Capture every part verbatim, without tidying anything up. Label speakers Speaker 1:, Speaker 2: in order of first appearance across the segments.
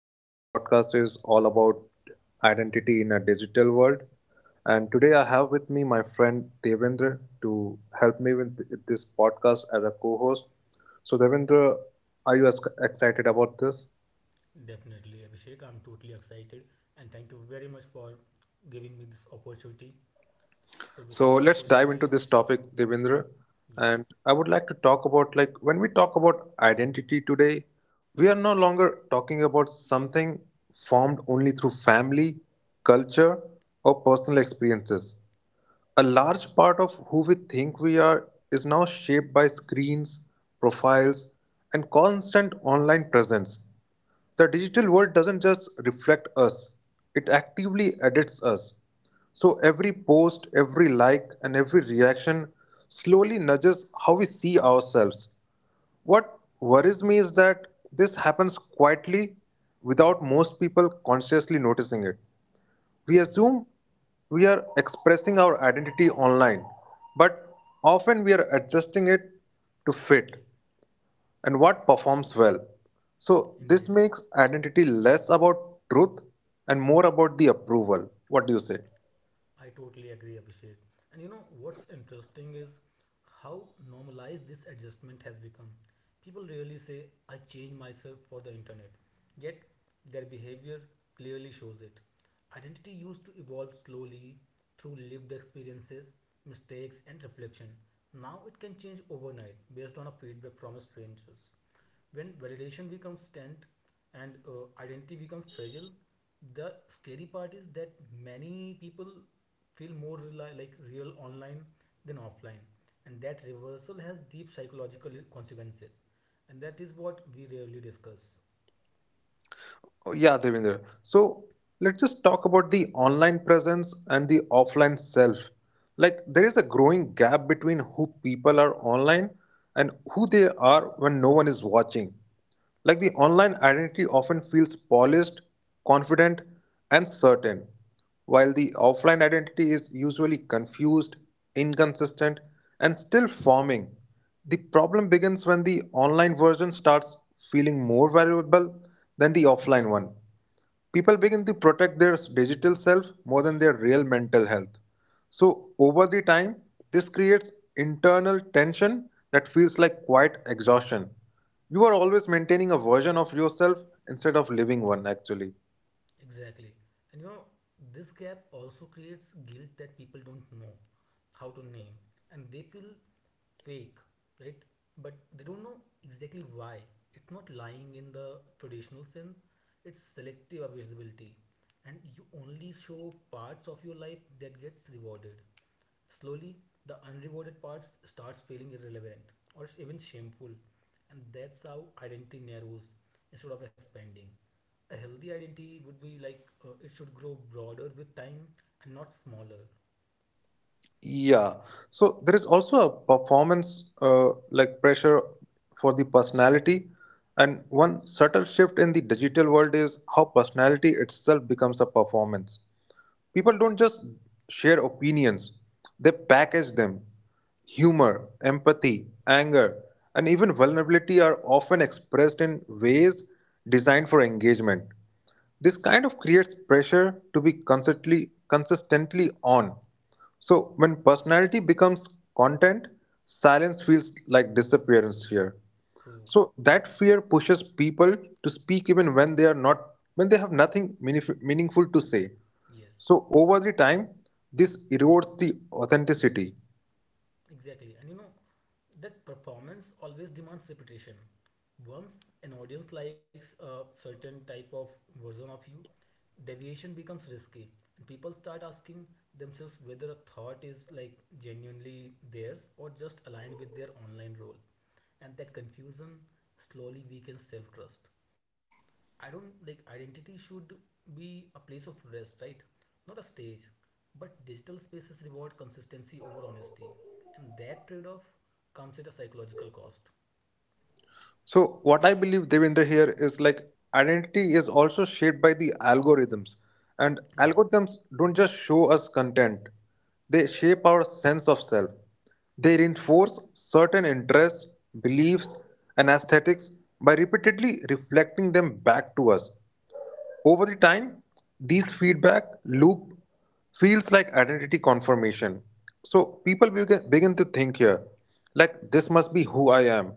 Speaker 1: today's podcast is all about identity in a digital world. And today I have with me my friend Devendra to help me with this podcast as a co host. So, Devendra, are you as excited about this?
Speaker 2: Definitely, Abhishek. I'm totally excited and thank you very much for giving me this opportunity. So,
Speaker 1: So
Speaker 2: without any
Speaker 1: let's
Speaker 2: further
Speaker 1: dive into
Speaker 2: delay,
Speaker 1: this topic, Devendra. And
Speaker 2: yes,
Speaker 1: I would like to talk about like when we talk about identity today, we are no longer talking about something formed only through family, culture, or personal experiences. A large part of who we think we are is now shaped by screens, profiles, and constant online presence. The digital world doesn't just reflect us, it actively edits us. So every post, every like, and every reaction slowly nudges how we see ourselves. What worries me is that this happens quietly without most people consciously noticing it. We
Speaker 2: yeah,
Speaker 1: assume we are expressing our identity online, but often we are adjusting it to fit and what performs well. So, this
Speaker 2: indeed.
Speaker 1: makes identity less about truth and more about the approval. What do you say?
Speaker 2: I totally agree, Abhishek. And you know what's interesting is how normalized this adjustment has become. People really say, I change myself for the internet, yet their behavior clearly shows it. Identity used to evolve slowly through lived experiences, mistakes, and reflection. Now it can change overnight based on a feedback from strangers. When validation becomes tense and uh, identity becomes fragile, the scary part is that many people feel more rely, like real online than offline, and that reversal has deep psychological consequences, and that is what we rarely discuss.
Speaker 1: Oh, yeah, Devendra. So let's just talk about the online presence and the offline self. Like there is a growing gap between who people are online and who they are when no one is watching. Like the online identity often feels polished, confident, and certain, while the offline identity is usually confused, inconsistent, and still forming. The problem begins when the online version starts feeling more valuable than the offline one. People begin to protect their digital self more than their real mental health. So, over the time, this creates internal tension that feels like quiet exhaustion. You are always maintaining a version of yourself instead of living one, actually.
Speaker 2: Exactly. And you know, this gap also creates guilt that people don't know how to name and they feel fake, right? But they don't know exactly why. It's not lying in the traditional sense, it's selective visibility. And you only show parts of your life that gets rewarded. Slowly, the unrewarded parts starts feeling irrelevant or even shameful, and that's how identity narrows instead of expanding. A healthy identity would be like uh, it should grow broader with time and not smaller.
Speaker 1: Yeah. So, there is also a performance uh, like pressure for the personality. And one subtle shift in the digital world is how personality itself becomes a performance. People don't just share opinions, they package them. Humor, empathy, anger, and even vulnerability are often expressed in ways designed for engagement. This kind of creates pressure to be consistently consistently on. So when personality becomes content, silence feels like disappearance here.
Speaker 2: True.
Speaker 1: So that fear pushes people to speak even when they are not when they have nothing meanif- meaningful to say.
Speaker 2: Yes.
Speaker 1: So over the time, this erodes the authenticity.
Speaker 2: Exactly. And you know, that performance always demands repetition. Once an audience likes a certain type of version of you, deviation becomes risky. And people start asking themselves whether a thought is like genuinely theirs or just aligned with their online role. And that confusion slowly weakens self trust. I don't like identity should be a place of rest, right? Not a stage. But digital spaces reward consistency over honesty, and that trade off comes at a psychological cost.
Speaker 1: So what I believe Devendra here is like identity is also shaped by the algorithms, and
Speaker 2: Yeah.
Speaker 1: algorithms don't just show us content; they shape our sense of self. They reinforce certain interests, beliefs, and aesthetics by repeatedly reflecting them back to us. Over the time, these feedback loop feels like identity confirmation. So people begin, begin to think here, like this must be who I am,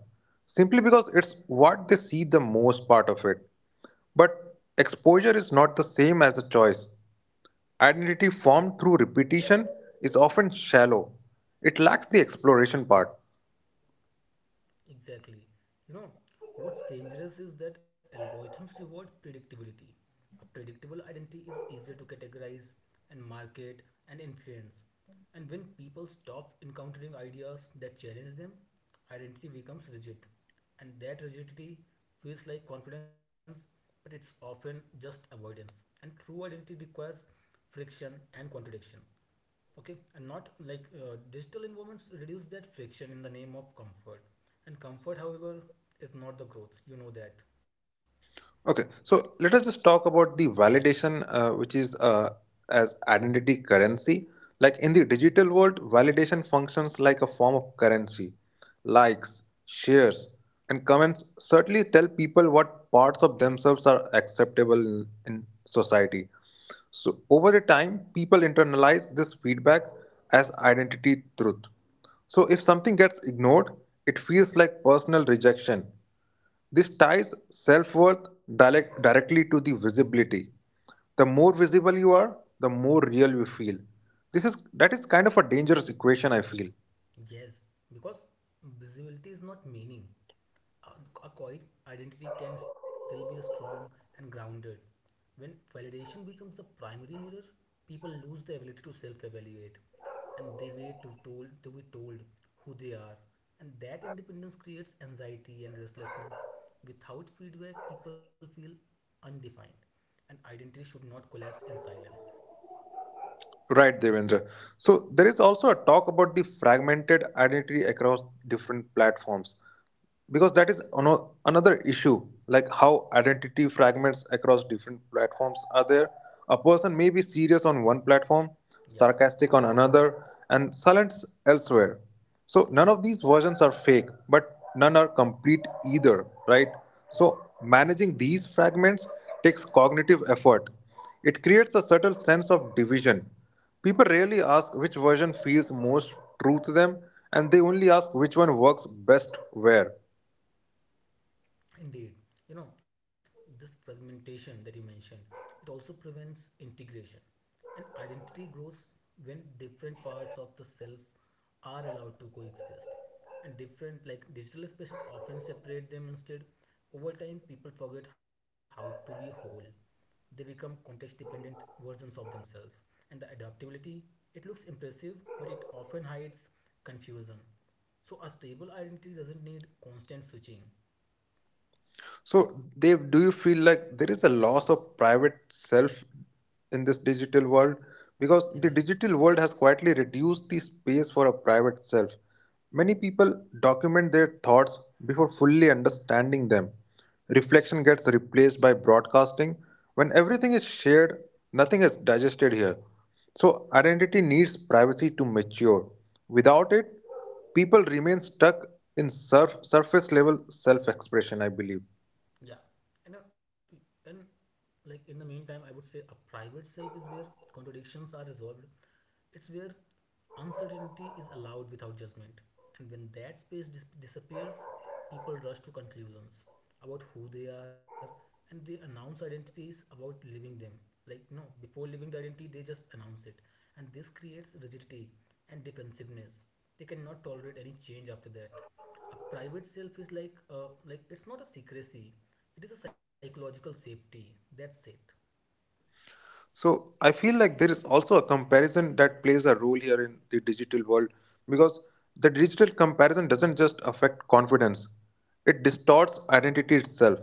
Speaker 1: simply because it's what they see the most part of it. But exposure is not the same as a choice. Identity formed through repetition is often shallow. It lacks the exploration part.
Speaker 2: Exactly. You know, what's dangerous is that algorithms reward predictability. A predictable identity is easier to categorize and market and influence. And when people stop encountering ideas that challenge them, identity becomes rigid. And that rigidity feels like confidence, but it's often just avoidance. And true identity requires friction and contradiction okay and not like uh, digital environments reduce that friction in the name of comfort and comfort however is not the growth you know that.
Speaker 1: Okay, so let us just talk about the validation, uh, which is uh, as identity currency. Like in the digital world, validation functions like a form of currency. Likes, shares, and comments certainly tell people what parts of themselves are acceptable in in society. So, over the time, people internalize this feedback as identity truth. So, if something gets ignored, it feels like personal rejection. This ties self worth direct, directly to the visibility. The more visible you are, the more real you feel. This is that is kind of a dangerous equation, I feel.
Speaker 2: Yes, because visibility is not meaning. A, a quiet identity can still be strong and grounded. When validation becomes the primary mirror, people lose the ability to self-evaluate, and they wait to told to be told who they are, and that independence creates anxiety and restlessness. Without feedback, people feel undefined, and identity should not collapse in silence.
Speaker 1: Right, Devendra. So there is also a talk about the fragmented identity across different platforms, because that is ano- another issue. Like how identity fragments across different platforms are there. A person may be serious on one platform,
Speaker 2: Yeah,
Speaker 1: sarcastic on another, and silent elsewhere. So
Speaker 2: yeah,
Speaker 1: none of these versions are fake, but none are complete either, right?
Speaker 2: yeah.
Speaker 1: So managing these fragments takes cognitive effort. It creates a subtle sense of division. People rarely ask which version feels most true to them, and they only ask which one works best where.
Speaker 2: Indeed, you know, this fragmentation that you mentioned, it also prevents integration. And identity grows when different parts of the self are allowed to coexist. And different, like digital spaces, often separate them instead. Over time, people forget how to be whole. They become context dependent versions of themselves. And the adaptability, it looks impressive, but it often hides confusion. So a stable identity doesn't need constant switching.
Speaker 1: So, they do you feel like there is a loss of private self in this digital world? Because the
Speaker 2: Indeed.
Speaker 1: digital world has quietly reduced the space for a private self. Many people document their thoughts before fully understanding them. Reflection gets replaced by broadcasting. When everything is shared, nothing is digested here. So, identity needs privacy to mature. Without it, people remain stuck in surf- surface level self expression, I believe.
Speaker 2: Yeah, and uh, and like in the meantime, I would say a private self is where contradictions are resolved. It's where uncertainty is allowed without judgment, and when that space dis- disappears, people rush to conclusions about who they are, and they announce identities about living them. Like no, before living the identity, they just announce it, and this creates rigidity and defensiveness. They cannot tolerate any change after that. A private self is like uh, like it's not a secrecy, it is a psychological safety, that's it.
Speaker 1: So I feel like there is also a comparison that plays a role here in the digital world, because the digital comparison doesn't just affect confidence, it distorts identity itself.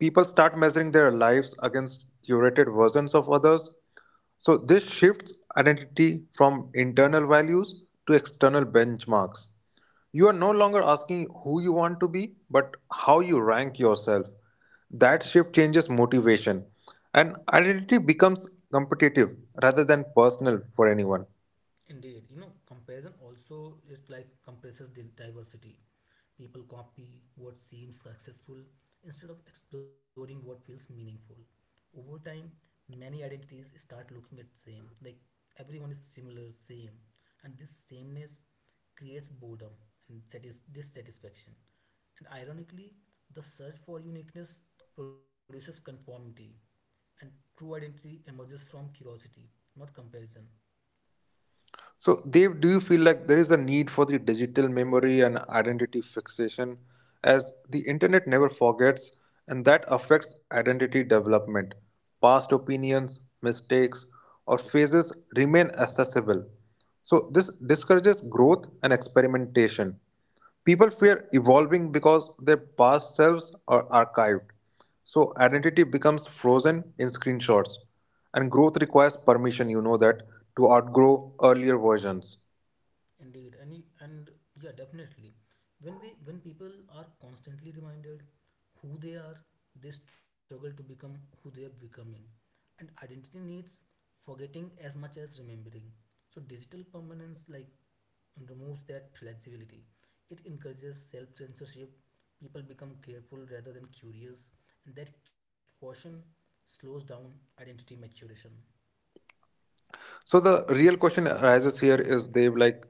Speaker 1: People start measuring their lives against curated versions of others. So this shifts identity from internal values to external benchmarks. You are no longer asking who you want to be, but how you rank yourself. That shift changes motivation, and identity becomes competitive rather than personal for anyone.
Speaker 2: Indeed, you know, comparison also it like compresses di- diversity. People copy what seems successful instead of exploring what feels meaningful. Over time, many identities start looking at same, like everyone is similar, same, and this sameness creates boredom and satis- dissatisfaction. And ironically, the search for uniqueness produces conformity, and true identity emerges from curiosity, not comparison.
Speaker 1: So, Dev, do you feel like there is a need for the digital memory and identity fixation, as the internet never forgets and that affects identity development? Past opinions, mistakes, or phases remain accessible. So, this discourages growth and experimentation. People fear evolving because their past selves are archived. So identity becomes frozen in screenshots, and growth requires permission, you know that, to outgrow earlier versions.
Speaker 2: Indeed, and y- and yeah, definitely. When we when people are constantly reminded who they are, they struggle to become who they are becoming. And identity needs forgetting as much as remembering. So digital permanence like removes that flexibility. It encourages self-censorship. People become careful rather than curious, and that caution slows down identity maturation.
Speaker 1: So the real question arises here is Dev like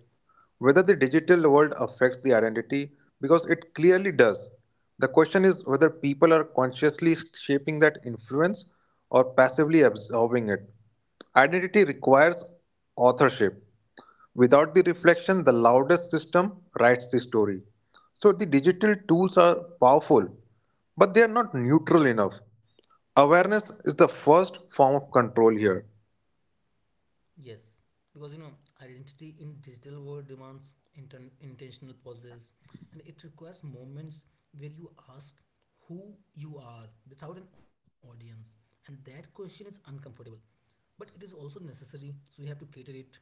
Speaker 1: whether the digital world affects the identity, because it clearly does. The question is whether people are consciously shaping that influence or passively absorbing it. Identity requires authorship. Without the reflection, the loudest system writes the story. So the digital tools are powerful, but they are not neutral enough. Awareness is the first form of control here.
Speaker 2: Yes, because you know, identity in digital world demands inten- intentional pauses, and it requires moments where you ask who you are without an audience, and that question is uncomfortable, but it is also necessary, so you have to cater it,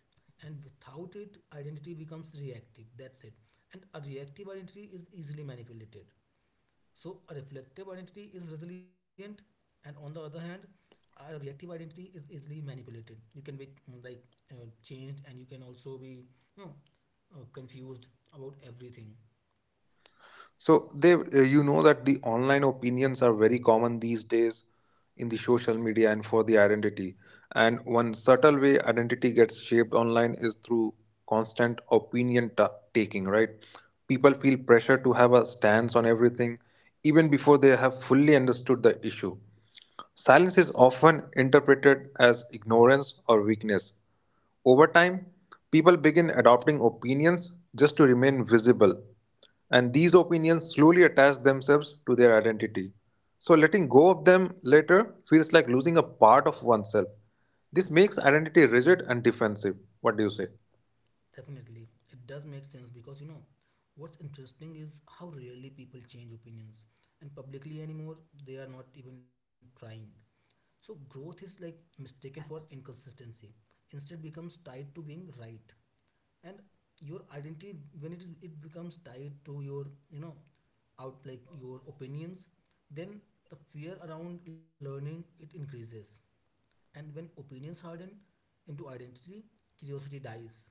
Speaker 2: and without it, identity becomes reactive. That's it, and a reactive identity is easily manipulated. So, a reflective identity is resilient, and on the other hand, a reactive identity is easily manipulated. You can be mm, like uh, changed, and you can also be you know, uh, confused about everything.
Speaker 1: So they, uh, you know that the online opinions are very common these days in the social media and for the identity. And one subtle way identity gets shaped online is through constant opinion ta- taking, right? People feel pressure to have a stance on everything even before they have fully understood the issue. Silence is often interpreted as ignorance or weakness. Over time, people begin adopting opinions just to remain visible, and these opinions slowly attach themselves to their identity. So, letting go of them later feels like losing a part of oneself. This makes identity rigid and defensive. What do you say?
Speaker 2: Definitely, it does make sense because you know what's interesting is how rarely people change opinions and publicly anymore they are not even trying. So growth is like mistaken for inconsistency. Instead becomes tied to being right. And your identity when it is it becomes tied to your you know out like your opinions, then the fear around learning it increases. And when opinions harden into identity, curiosity dies.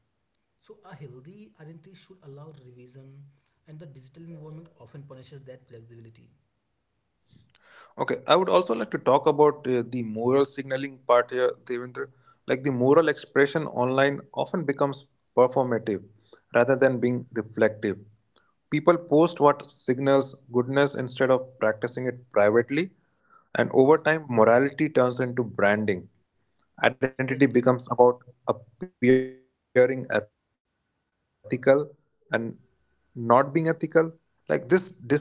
Speaker 2: So a healthy identity should allow revision, and the digital environment often punishes that flexibility.
Speaker 1: Okay, I would also like to talk about uh, the moral signaling part here, Devendra. Like the
Speaker 2: Hmm.
Speaker 1: moral expression online often becomes performative rather than
Speaker 2: Yeah,
Speaker 1: being reflective. People post what signals goodness instead of practicing it privately. And
Speaker 2: yeah,
Speaker 1: over time, morality turns into branding. Identity becomes about
Speaker 2: exactly.
Speaker 1: appearing ethical and not being ethical. Like this disconnect creates internal tension.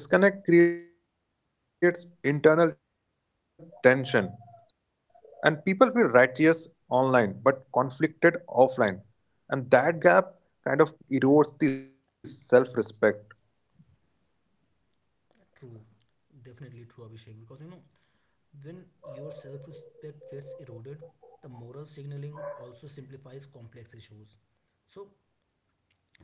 Speaker 1: And people feel righteous online but conflicted offline. And that gap kind of erodes the self respect.
Speaker 2: True, definitely true, Abhishek. Because you know, when your self-respect gets eroded, the moral signaling also simplifies complex issues. So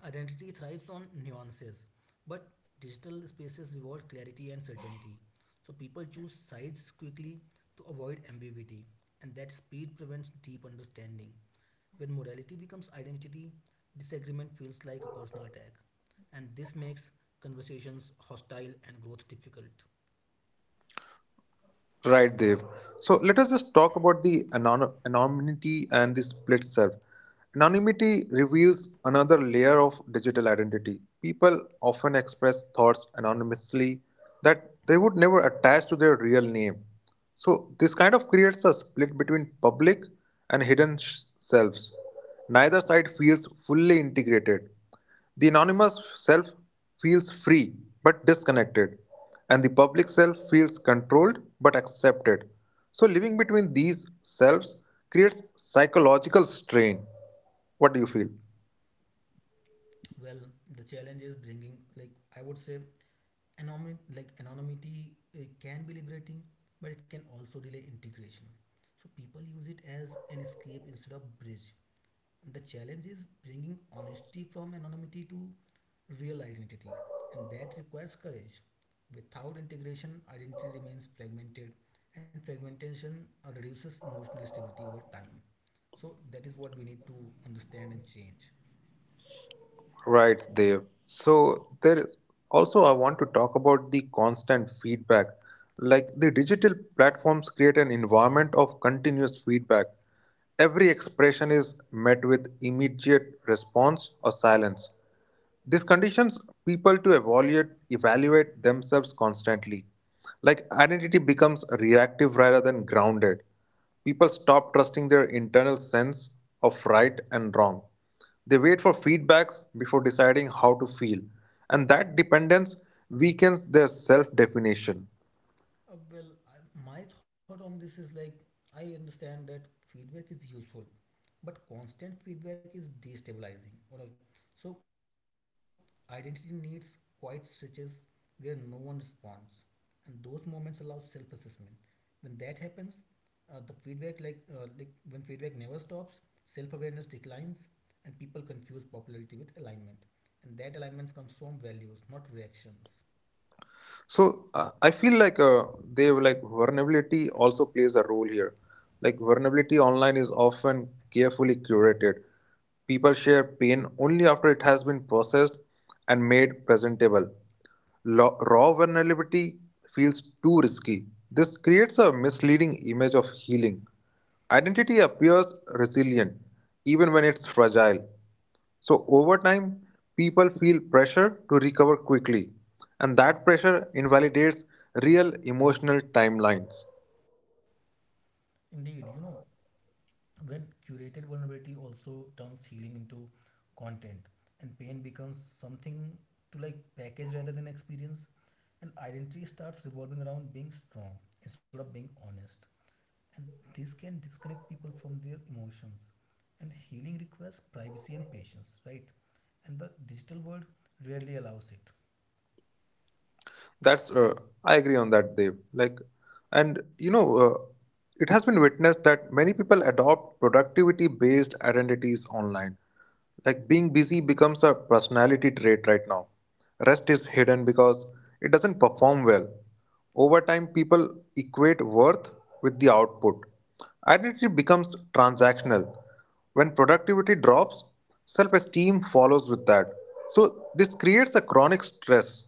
Speaker 2: identity thrives on nuances, but digital spaces reward clarity and certainty. So people choose sides quickly to avoid ambiguity, and that speed prevents deep understanding. When morality becomes identity, disagreement feels like a personal attack, and this makes conversations hostile and growth difficult.
Speaker 1: Right, Dev. So let us just talk about the anon- anonymity and the split self. Anonymity reveals another layer of digital identity. People often express thoughts anonymously that they would never attach to their real name. So this kind of creates a split between public and hidden sh- selves. Neither side feels fully integrated. The anonymous self feels free but disconnected, and the public self feels controlled but accepted. So, living between these selves creates psychological strain. What do you feel?
Speaker 2: Well, the challenge is bringing like I would say anonymity like anonymity uh, can be liberating but it can also delay integration, so people use it as an escape instead of bridge. And the challenge is bringing honesty from anonymity to real identity, and that requires courage. Without integration identity remains fragmented, and fragmentation uh, reduces emotional stability over time, so that is what we need to understand and change.
Speaker 1: Right, Dev. So, there is also I want to talk about the constant feedback. Like the digital platforms create an environment of continuous feedback. Every expression is met with immediate response or silence. This conditions people to evaluate evaluate themselves constantly. Like identity becomes reactive rather than grounded. People stop trusting their internal sense of right and wrong. They wait for feedbacks before deciding how to feel, and that dependence weakens their self definition.
Speaker 2: Uh, well, I, my thought on this is like I understand that feedback is useful, but constant feedback is destabilizing. All right. So identity needs quiet stretches where no one responds, and those moments allow self-assessment. When that happens, uh, the feedback like uh, like when feedback never stops, self-awareness declines, and people confuse popularity with alignment, and that alignment comes from values, not reactions.
Speaker 1: So uh, I feel like uh, they have, like vulnerability also plays a role here. Like vulnerability online is often carefully curated. People share pain only after it has been processed and made presentable. Lo- raw vulnerability feels too risky. This creates a misleading image of healing. Identity appears resilient even when it's fragile. So, over time, people feel pressure to recover quickly, and that pressure invalidates real emotional timelines.
Speaker 2: Indeed, you know, when curated vulnerability also turns healing into content and pain becomes something to like package rather than experience and identity starts revolving around being strong instead of being honest, and this can disconnect people from their emotions, and healing requires privacy and patience, right? And the digital world rarely allows it.
Speaker 1: That's uh, I agree on that, Dev. Like, and you know, uh, it has been witnessed that many people adopt productivity-based identities online. Like being busy becomes a personality trait right now. Rest is hidden because it doesn't perform well. Over time, people equate worth with the output. Identity becomes transactional. When productivity drops, self esteem follows with that. So, this creates a chronic stress.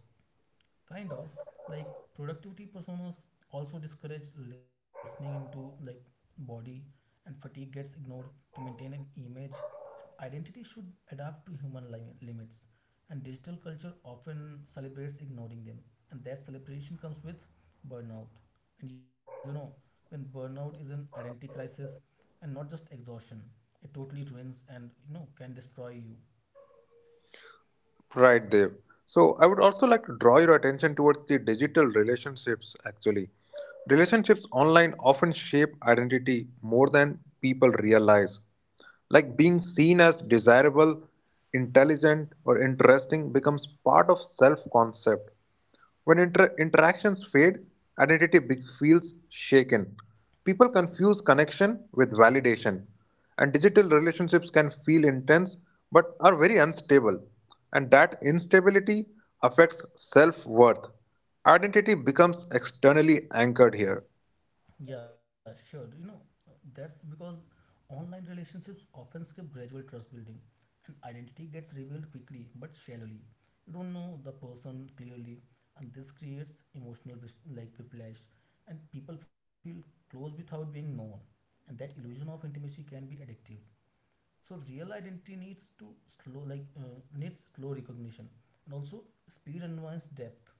Speaker 2: Kind of, like productivity personas also discourage listening into like body, and fatigue gets ignored to maintain an image. Identity should adapt to human li- limits, and digital culture often celebrates ignoring them, and that celebration comes with burnout, and you know when burnout is an identity crisis and not just exhaustion, it totally ruins and you know can destroy you.
Speaker 1: Right, Dev. So I would also like to draw your attention towards the digital relationships actually. Relationships online often shape identity more than people realize. Like being seen as desirable, intelligent, or interesting becomes part of self concept. When inter- interactions fade, identity be- feels shaken. People confuse connection with validation, and digital relationships can feel intense but are very unstable. And that instability affects self worth. Identity becomes externally anchored here.
Speaker 2: Yeah, sure. You know, that's because online relationships often skip gradual trust building, and identity gets revealed quickly but shallowly. You don't know the person clearly, and this creates emotional whis- like whiplash, and people feel close without being known, and that illusion of intimacy can be addictive, so real identity needs to slow like uh, needs slow recognition, and also speed unwinds depth,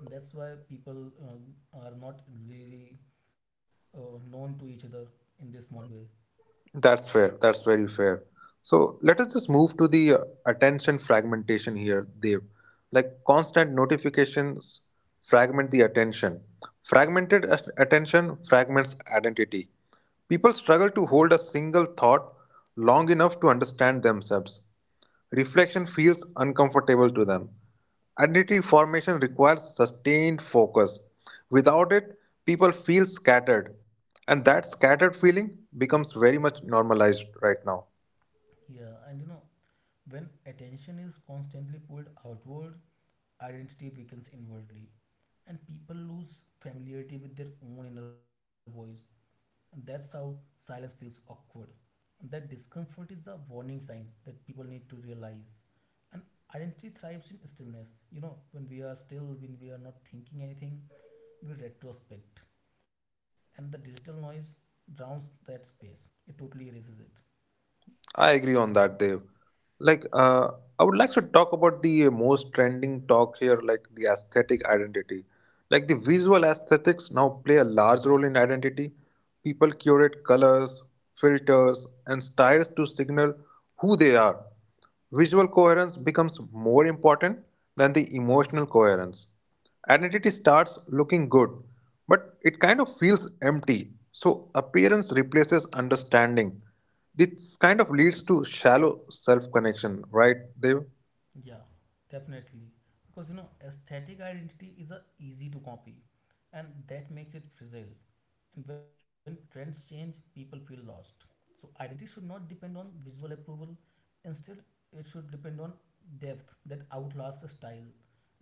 Speaker 2: and that's why people um, are not really uh, known to each other in this modern way.
Speaker 1: That's fair. That's very fair. So let us just move to the uh, attention fragmentation here, Dev. Like constant notifications fragment the attention. Fragmented as- attention fragments identity. People struggle to hold a single thought long enough to understand themselves. Reflection feels uncomfortable to them. Identity formation requires sustained focus. Without it, people feel scattered. And that scattered feeling becomes very much normalized right now.
Speaker 2: Yeah, and you know when attention is constantly pulled outward, identity weakens inwardly, and people lose familiarity with their own inner voice, and that's how silence feels awkward. That discomfort is the warning sign that people need to realize. And identity thrives in stillness. You know, when we are still, when we are not thinking anything, we retrospect. And the digital noise drowns that space, it totally erases it.
Speaker 1: I agree on that, Dev. Like, uh, I would like to talk about the most trending talk here, like the aesthetic identity. Like, the visual aesthetics now play a large role in identity. People curate colors, filters, and styles to signal who they are. Visual coherence becomes more important than the emotional coherence. Identity starts looking good, but it kind of feels empty. So, appearance replaces understanding. This kind of leads to shallow self connection, right, Dev?
Speaker 2: Yeah, definitely. Because you know, aesthetic identity is a easy to copy, and that makes it fragile. And when trends change, people feel lost. So identity should not depend on visual approval. Instead, it should depend on depth that outlasts the style.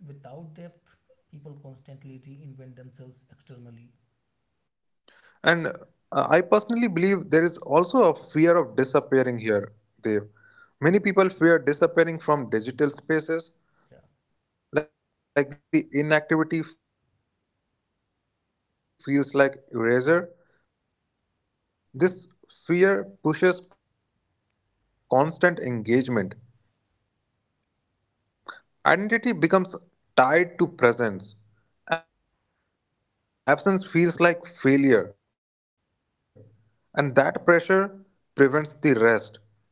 Speaker 2: Without depth, people constantly reinvent themselves externally.
Speaker 1: And uh, I personally believe there is also a fear of disappearing here, Dev. Many people fear disappearing from digital spaces,
Speaker 2: Yeah,
Speaker 1: like the inactivity feels like erasure. This fear pushes constant engagement. Identity becomes tied to presence. Absence feels like failure, and that pressure prevents the rest.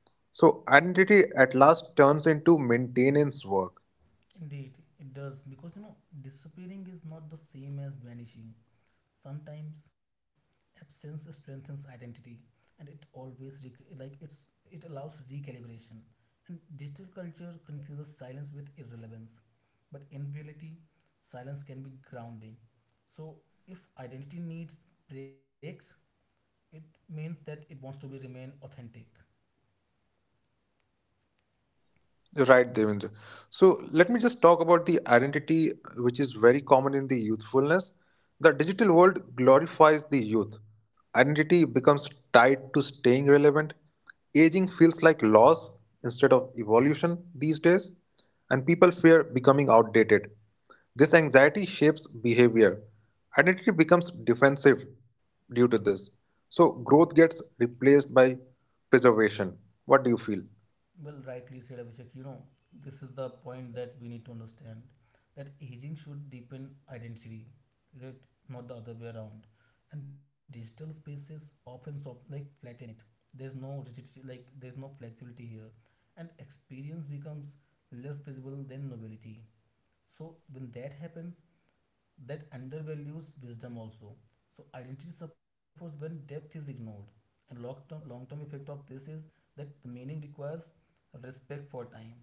Speaker 1: So, identity at last turns into maintenance work.
Speaker 2: indeed, it does because you know disappearing is not the same as vanishing. Sometimes absence strengthens identity, and it always rec- like it's it allows recalibration. And digital culture confuses silence with irrelevance, but in reality, silence can be grounding. So if identity needs breaks, it means that it wants to be remain authentic.
Speaker 1: Right, Devendra. So let me just talk about the identity which is very common in the youthfulness. The digital world glorifies the youth. Identity becomes tied to staying relevant. Aging feels like loss instead of evolution these days, and people fear becoming outdated. This anxiety shapes behavior. Identity becomes defensive due to this. So growth
Speaker 2: Well,
Speaker 1: gets
Speaker 2: rightly said,
Speaker 1: replaced
Speaker 2: Abhishek. You
Speaker 1: by
Speaker 2: know, this is the
Speaker 1: preservation.
Speaker 2: point
Speaker 1: What do
Speaker 2: that
Speaker 1: you
Speaker 2: we
Speaker 1: feel?
Speaker 2: need to understand that aging should deepen identity, right? Not the other way around. And digital spaces often sort like flatten it. There's no rigidity, like there's no flexibility here, and experience becomes less visible than novelty. So when that happens, that undervalues wisdom also. So identity suffers when depth is ignored. And long term long term effect of this is that the meaning requires respect for time.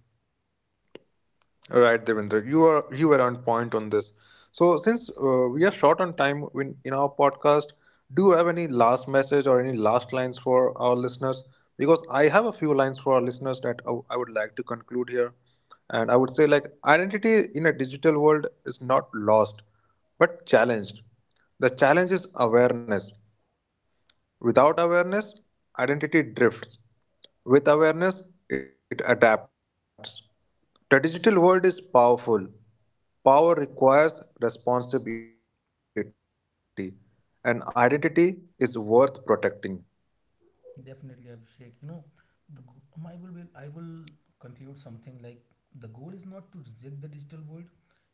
Speaker 1: Right, Devendra, you are you were on point on this. So, since uh, we are short on time in, in our podcast, do you have any last message or any last lines for our listeners? Because I have a few lines for our listeners that I I would like to conclude here, and I would say like identity in a digital world is not lost, but challenged. The challenge is awareness. Without awareness, identity drifts. With awareness, it adapts. The digital world is powerful. Power requires responsibility, and identity is worth protecting.
Speaker 2: Definitely, Abhishek. You know, the go- my will be, I will conclude something like the goal is not to reject the digital world,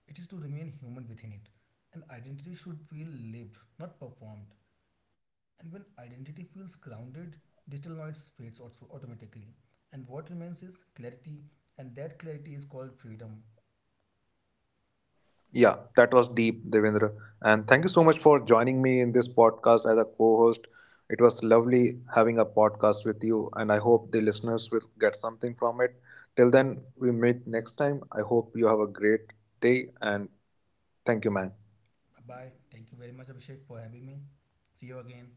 Speaker 2: it is to remain human within it. And identity should feel lived, not performed. And when identity feels grounded, digital noise fades also automatically. And what remains is clarity, and that clarity is called freedom.
Speaker 1: Yeah, that was deep, Devendra. And thank you so much for joining me in this podcast as a co host. It was lovely having a podcast with you, and I hope the listeners will get something from it. Till then, we meet next time. I hope you have a great day, and thank you, man.
Speaker 2: Bye bye. Thank you very much, Abhishek, for having me. See you again.